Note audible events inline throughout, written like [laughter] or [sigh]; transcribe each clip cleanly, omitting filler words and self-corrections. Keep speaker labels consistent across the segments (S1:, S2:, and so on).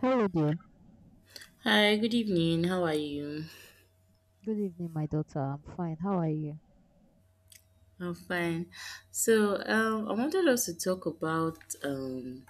S1: Hello there.
S2: Hi, good evening. How are you?
S1: Good evening, my daughter. I'm fine. How are you?
S2: I'm fine. So, I wanted us to talk about um,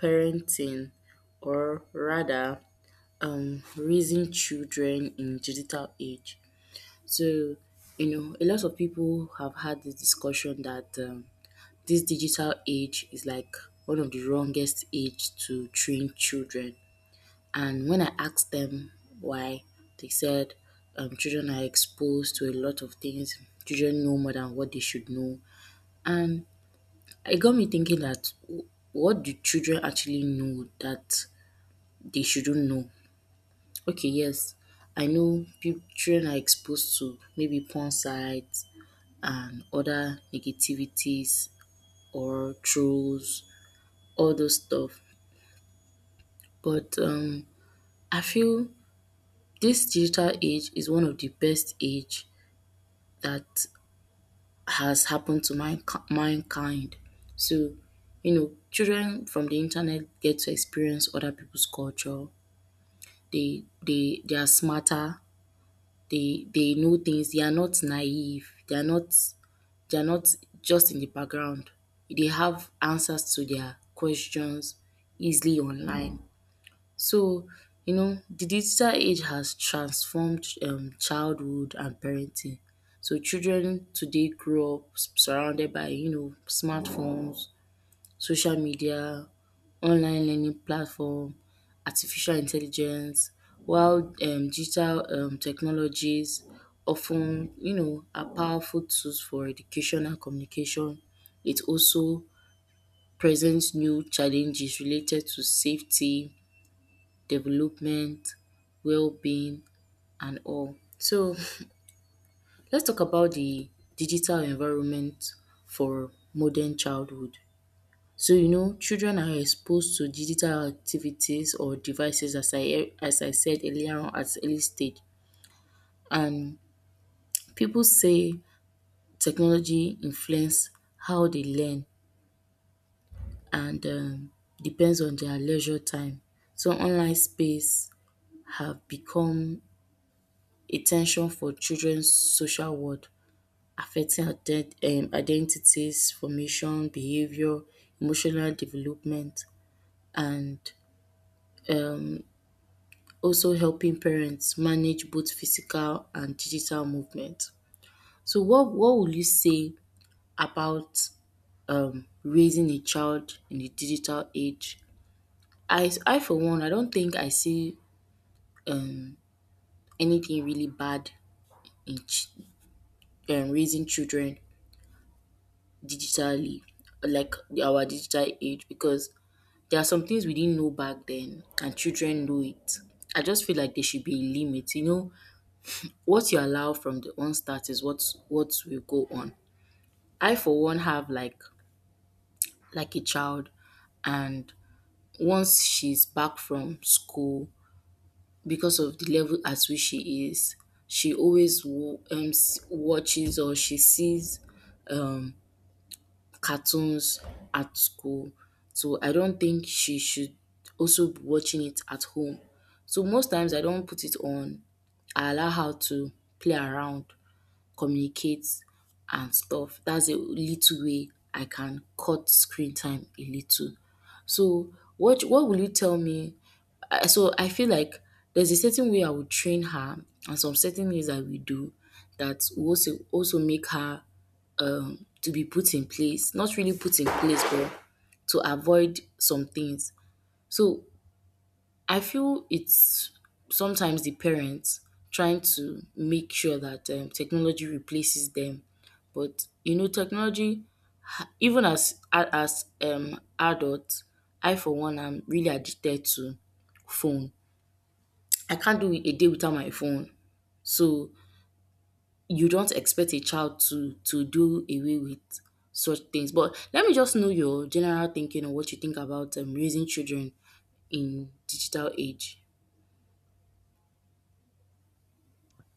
S2: parenting, or rather, raising children in digital age. So, you know, a lot of people have had this discussion that this digital age is like one of the wrongest age to train children. And when I asked them why, they said children are exposed to a lot of things. Children know more than what they should know. And it got me thinking that what do children actually know that they shouldn't know? Okay, yes, I know children are exposed to maybe porn sites and other negativities or trolls, all those stuff. But I feel this digital age is one of the best age that has happened to my mankind. So, you know, children from the internet get to experience other people's culture. They are smarter. They know things. They are not naive. They are not just in the background. They have answers to their questions easily online. So, you know, the digital age has transformed childhood and parenting. So children today grow up surrounded by, you know, smartphones, social media, online learning platform, artificial intelligence, while digital technologies often, you know, are powerful tools for education and communication. It also presents new challenges related to safety, development, well-being and all. So let's talk about the digital environment for modern childhood. So you know children are exposed to digital activities or devices as I said earlier on at early stage, and people say technology influence how they learn and depends on their leisure time. So online space have become attention for children's social world affecting identities, formation, behavior, emotional development and um also helping parents manage both physical and digital movement. So what would you say about raising a child in the digital age? I for one I don't think I see um anything really bad in raising children digitally, like our digital age, because there are some things we didn't know back then, and children know it. I just feel like there should be a limit. You know, what you allow from the onset is what will go on. I, for one, have like a child, and once she's back from school, because of the level at which she is, she always watches or she sees um cartoons at school. So I don't think she should also be watching it at home. So most times I don't put it on. I allow her to play around, communicate and stuff. That's a little way I can cut screen time a little. So what will you tell me? So I feel like there's a certain way I would train her and some certain ways I will do that will also make her to be put in place. Not really put in place but to avoid some things. So I feel it's sometimes the parents trying to make sure that technology replaces them. But you know, technology even as adults, I for one am really addicted to phone. I can't do a day without my phone. So you don't expect a child to do away with such things. But let me just know your general thinking on what you think about raising children in digital age.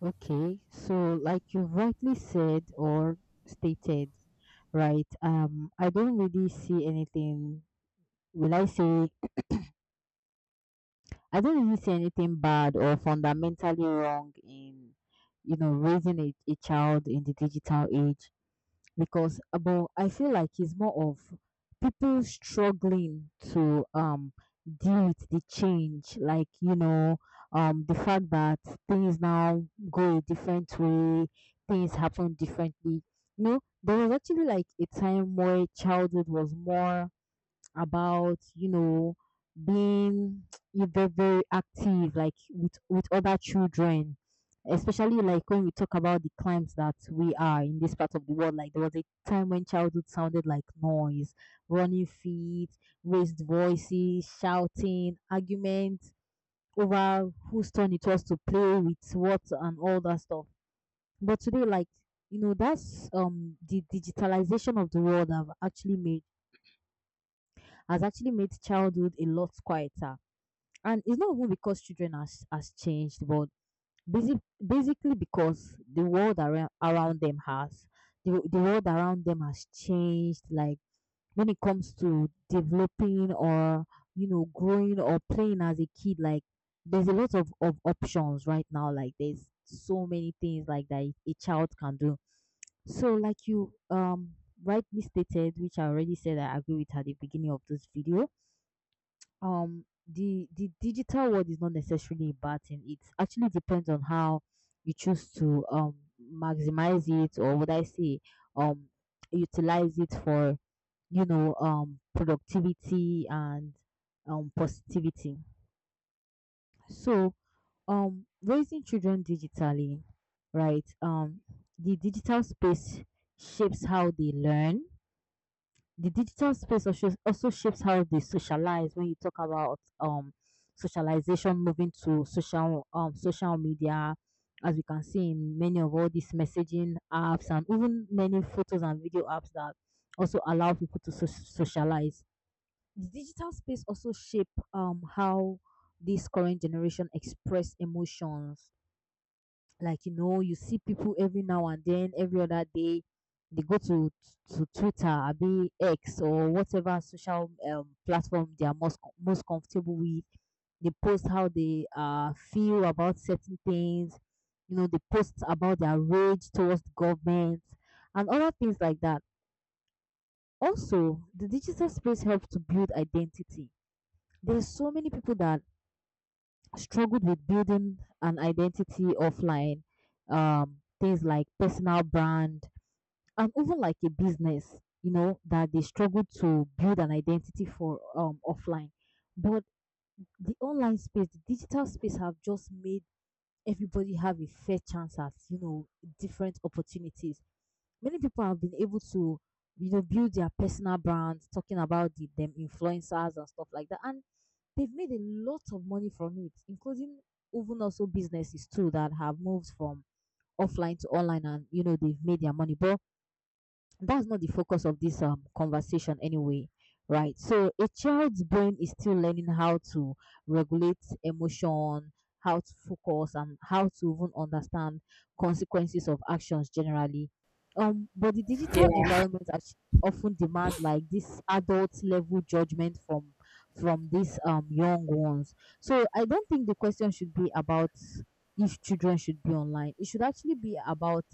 S1: Okay. So, like you rightly said or stated, right? I don't really see anything. Will I say I don't really see anything bad or fundamentally wrong in, you know, raising a child in the digital age. Because but I feel like it's more of people struggling to deal with the change, like you know, the fact that things now go a different way, things happen differently. You know, there was actually like a time where childhood was more about, you know, being [tsk] you're very active, like with other children, especially like when we talk about the climes that we are in this part of the world. Like there was a time when childhood sounded like noise, running feet, raised voices, shouting, arguments over whose turn it was to play with what and all that stuff. But today, like, you know, that's the digitalization of the world have actually made has actually made childhood a lot quieter. And it's not even because children has changed, but basic, basically because the world around them has. The world around them has changed, like when it comes to developing or, you know, growing or playing as a kid. Like there's a lot of options right now. Like there's so many things like that a child can do. So like you rightly stated, which I already said I agree with at the beginning of this video, um the digital world is not necessarily a bad thing. It actually depends on how you choose to maximize it, or would I say um utilize it for, you know, productivity and positivity. So raising children digitally, right? The digital space shapes how they learn. The digital space also shapes how they socialize when you talk about socialization moving to social, social media, as we can see in many of all these messaging apps and even many photos and video apps that also allow people to socialize. The digital space also shape how this current generation express emotions. Like, you know, you see people every now and then, every other day, they go to Twitter or be X, or whatever social, platform they are most comfortable with. They post how they feel about certain things. You know, they post about their rage towards the government and other things like that. Also, the digital space helps to build identity. There's so many people that struggled with building an identity offline, things like personal brand, and even like a business, you know, that they struggled to build an identity for, offline. But the online space, the digital space, have just made everybody have a fair chance at, you know, different opportunities. Many people have been able to, you know, build their personal brands, talking about the, them influencers and stuff like that. And they've made a lot of money from it, including even also businesses too, that have moved from offline to online. And, you know, they've made their money. But that's not the focus of this conversation anyway. Right, so a child's brain is still learning how to regulate emotion, how to focus, and how to even understand consequences of actions generally. But the
S2: Yeah,
S1: often demand like this adult level judgment from these young ones. So I don't think the question should be about if children should be online. It should actually be about,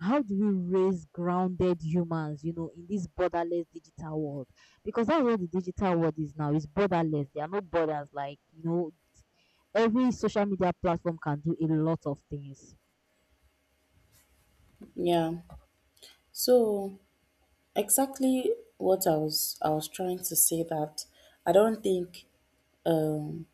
S1: how do we raise grounded humans, you know, in this borderless digital world? Because that's what the digital world is now. It's borderless. There are no borders. Like, you know, every social media platform can do a lot of things.
S2: yeah. So exactly what I was trying to say that I don't think um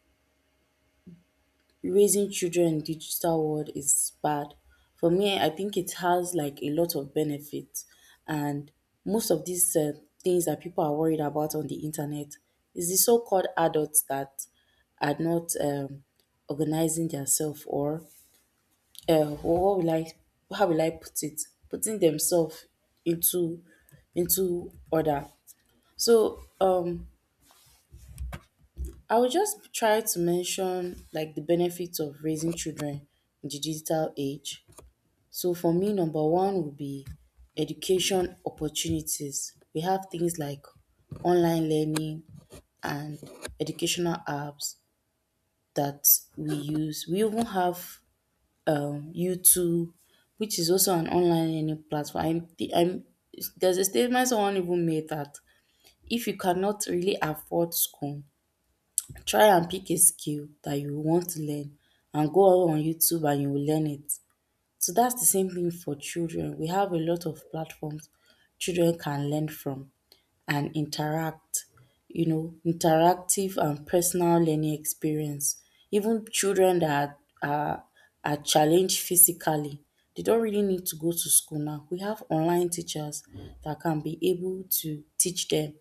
S2: raising children in digital world is bad. For me, I think it has like a lot of benefits, and most of these things that people are worried about on the internet is the so-called adults that are not organizing themselves or uh, what will I, how will I put it, putting themselves into into order. So I will just try to mention like the benefits of raising children in the digital age. So for me, number one would be education opportunities. We have things like online learning and educational apps that we use. We even have YouTube, which is also an online learning platform. I'm, there's a statement someone even made that if you cannot really afford school, try and pick a skill that you want to learn and go on YouTube and you will learn it. So that's the same thing for children. We have a lot of platforms children can learn from and interact, you know, interactive and personal learning experience. Even children that are challenged physically, they don't really need to go to school now. We have online teachers that can be able to teach them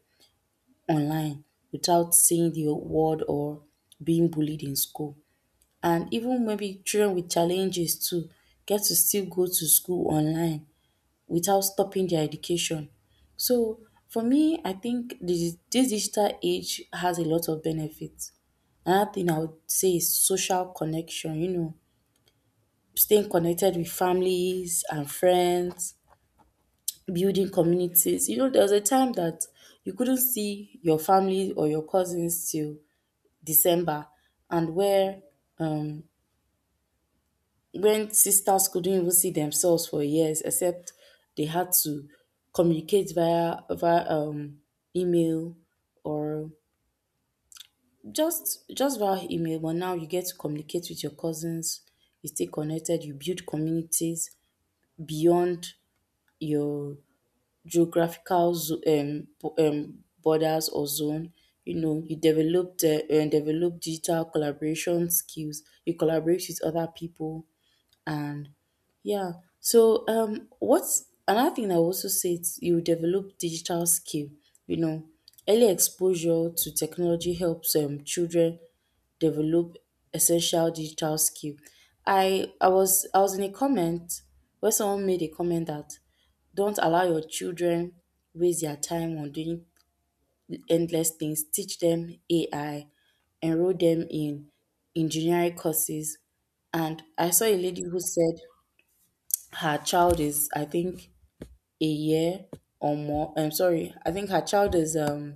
S2: online without saying the word or being bullied in school. And even maybe children with challenges too get to still go to school online without stopping their education. So for me, I think this digital age has a lot of benefits. Another thing I would say is social connection, you know, staying connected with families and friends, building communities. You know, there was a time that you couldn't see your family or your cousins till December, and where um, when sisters couldn't even see themselves for years except they had to communicate via email or just via email, but now you get to communicate with your cousins, you stay connected, you build communities beyond your geographical borders or zone. You know, you develop the develop digital collaboration skills. You collaborate with other people. And yeah, so what's another thing I would also say is you develop digital skill. You know, early exposure to technology helps children develop essential digital skill. I was in a comment where someone made a comment that don't allow your children waste their time on doing endless things. Teach them AI, enroll them in engineering courses. And I saw a lady who said her child is I think a year or more, I'm sorry, I think her child is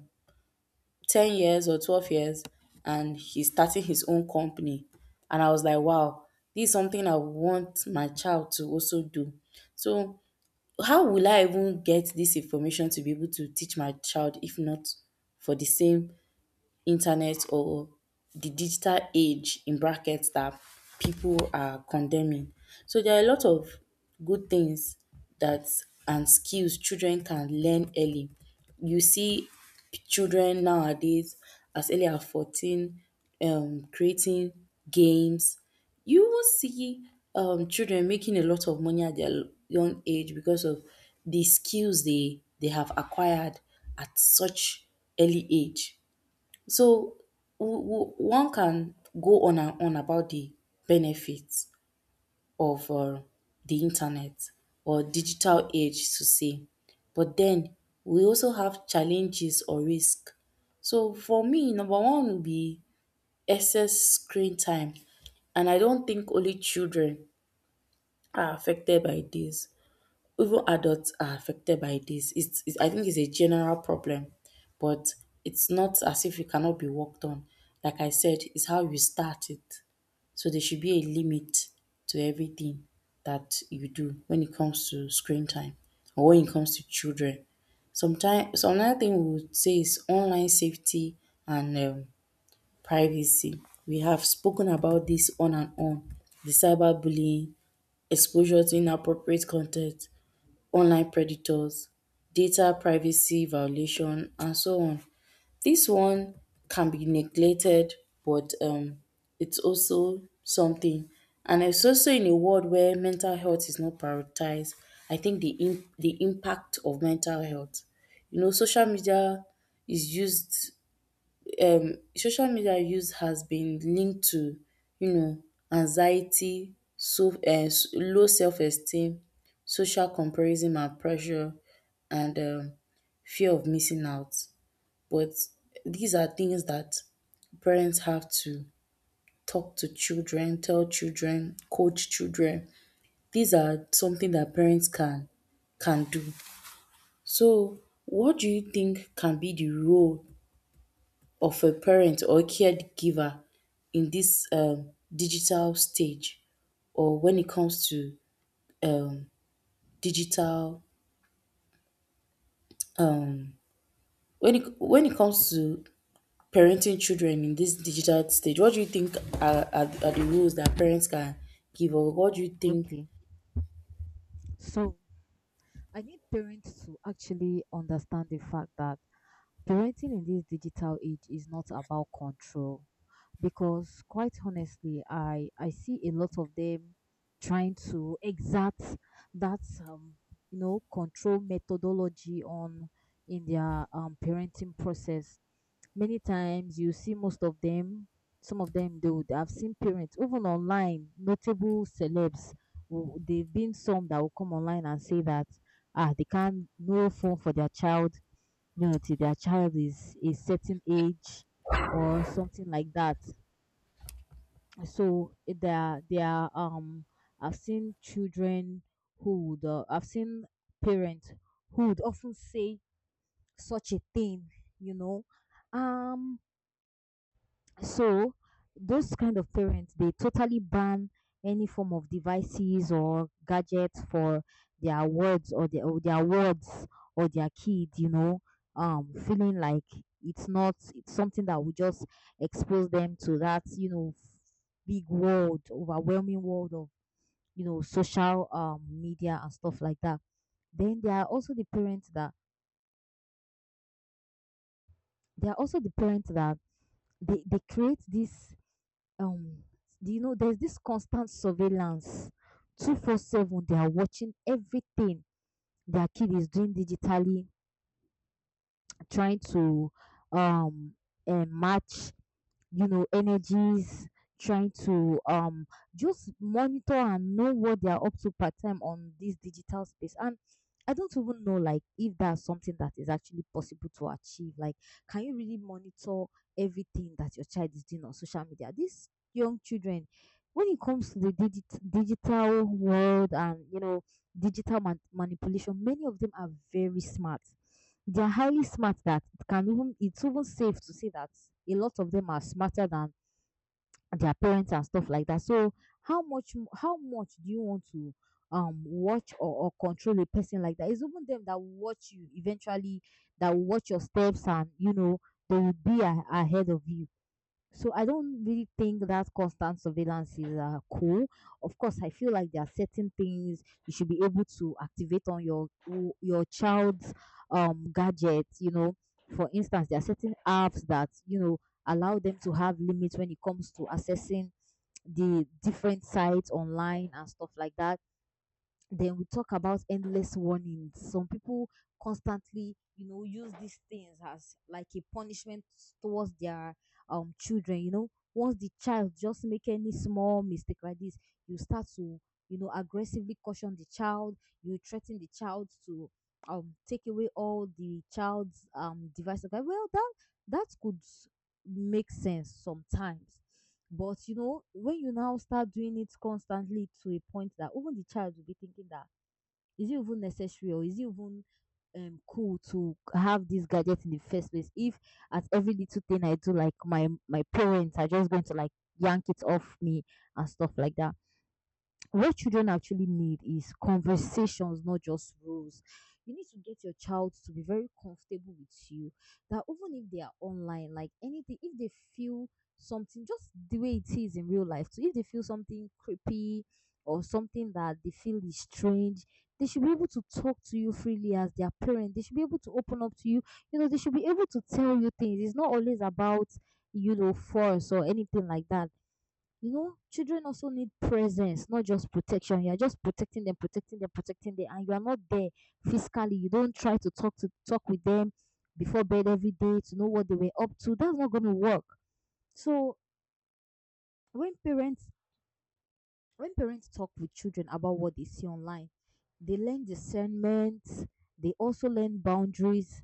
S2: 10 years or 12 years and he's starting his own company. And I was like, wow, this is something I want my child to also do. So how will I even get this information to be able to teach my child if not for the same internet or the digital age in brackets that people are condemning. So there are a lot of good things that and skills children can learn early. You see children nowadays as early as 14 creating games. You will see children making a lot of money at their young age because of the skills they have acquired at such early age. So one can go on and on about the benefits of the internet or digital age to say, but then we also have challenges or risk. So for me, number one would be excess screen time, and I don't think only children are affected by this, even adults are affected by this. It's I think it's a general problem, but it's not as if it cannot be worked on. Like I said, it's how you start it. So there should be a limit to everything that you do when it comes to screen time or when it comes to children. Sometimes, so another thing we would say is online safety and privacy. We have spoken about this on and on. The cyberbullying, exposure to inappropriate content, online predators, data privacy violation and so on. This one can be neglected but it's also something, and it's also in a world where mental health is not prioritized. I think the impact of mental health. You know, social media is used, social media use has been linked to, you know, anxiety, low self esteem, social comparison and pressure and fear of missing out. But these are things that parents have to talk to children, tell children, coach children. These are something that parents can do. So what do you think can be the role of a parent or caregiver in this digital stage or when it comes to um, digital when it comes to parenting children in this digital stage, what do you think are the rules that parents can give or what do you think
S1: Okay. So I need parents to actually understand the fact that parenting in this digital age is not about control. Because quite honestly, I see a lot of them trying to exact that, you know, control methodology on, in their parenting process. Many times you see most of them, some of them do. I've seen parents even online, notable celebs, they've been some that will come online and say that, ah, they can't no phone for their child, you know, till their child is a certain age or something like that. So, there I've seen children who would I've seen parents who would often say such a thing, you know. Um so those kind of parents, they totally ban any form of devices or gadgets for their words, or their words, or their kid, you know, feeling like it's not, it's something that will just expose them to that, you know, big world, overwhelming world of, you know, social media and stuff like that. Then there are also the parents that there are also the parents that they create this um do you know, there's this constant surveillance. 24/7 they are watching everything their kid is doing digitally, trying to um match, you know, energies, trying to, just monitor and know what they are up to part time on this digital space. And I don't even know like if that's something that is actually possible to achieve. Like can you really monitor everything that your child is doing on social media? These young children, when it comes to the digital world, and you know, digital manipulation, many of them are very smart. They are highly smart, that it can even, it's even safe to say that a lot of them are smarter than their parents and stuff like that. So how much do you want to watch or control a person like that? It's even them that will watch you eventually, that will watch your steps. And you know, they will be ahead of you. So I don't really think that constant surveillance is cool. Of course, I feel like there are certain things you should be able to activate on your child's gadget. You know, for instance, there are certain apps that, you know, allow them to have limits when it comes to accessing the different sites online and stuff like that. Then we talk about endless warnings. Some people constantly, you know, use these things as like a punishment towards their children. You know, once the child just make any small mistake like this, you start to, you know, aggressively caution the child. You threaten the child to take away all the child's devices. Like, well, that could make sense sometimes. But you know, when you now start doing it constantly to a point that even the child will be thinking that, is it even necessary, or is it even cool to have this gadget in the first place? If at every little thing I do, like my parents are just going to like yank it off me and stuff like that. What children actually need is conversations, not just rules. You need to get your child to be very comfortable with you. That even if they are online, like anything, if they feel something, just the way it is in real life. So if they feel something creepy or something that they feel is strange, they should be able to talk to you freely as their parent. They should be able to open up to you. You know, they should be able to tell you things. It's not always about, you know, force or anything like that. You know, children also need presence, not just protection. You are just protecting them, protecting them, protecting them, and you are not there physically. You don't try to talk with them before bed every day to know what they were up to. That's not going to work. So when parents when parents talk with children about what they see online, they learn discernment. They also learn boundaries,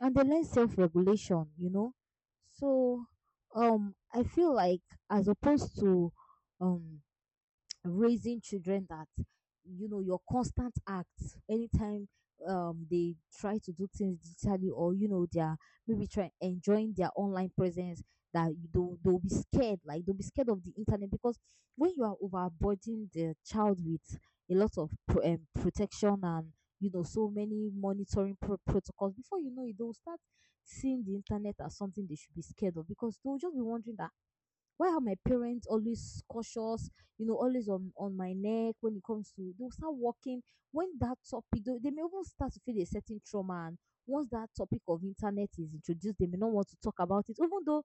S1: and they learn self regulation. You know, so I feel like, as opposed to um raising children that, you know, your constant acts anytime they try to do things digitally, or you know, they're maybe trying, enjoying their online presence, that they'll, be scared, like they'll be scared of the internet. Because when you are overburdening the child with a lot of protection and, you know, so many monitoring protocols, before you know it, they'll start seeing the internet as something they should be scared of. Because they'll just be wondering that, why are my parents always cautious, you know, always on my neck when it comes to, they'll start walking when that topic. They may even start to feel a certain trauma. And once that topic of internet is introduced, they may not want to talk about it, even though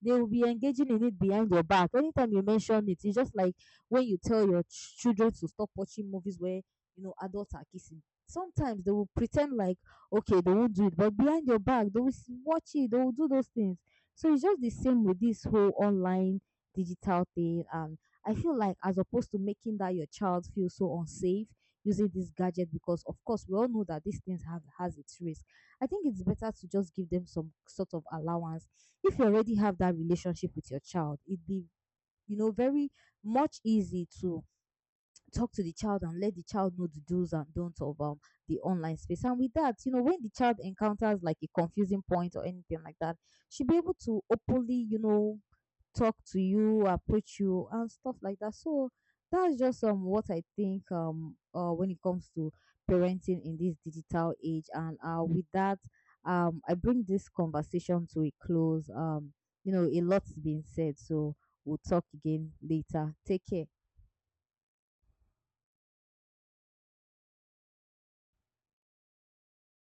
S1: they will be engaging in it behind your back. Anytime you mention it, it's just like when you tell your children to stop watching movies where, you know, adults are kissing. Sometimes they will pretend like okay, they won't do it, but behind your back they will watch it. They will do those things. So it's just the same with this whole online digital thing. And I feel like, as opposed to making that your child feel so unsafe using this gadget, because of course we all know that these things have has its risk. I think it's better to just give them some sort of allowance. If you already have that relationship with your child, it'd be, you know, very much easy to talk to the child and let the child know the do's and don'ts of the online space. And with that, you know, when the child encounters like a confusing point or anything like that, she'll be able to openly, you know, talk to you, approach you, and stuff like that. So that's just what I think when it comes to parenting in this digital age. And with that, I bring this conversation to a close. You know, a lot's been said, so we'll talk again later. Take care.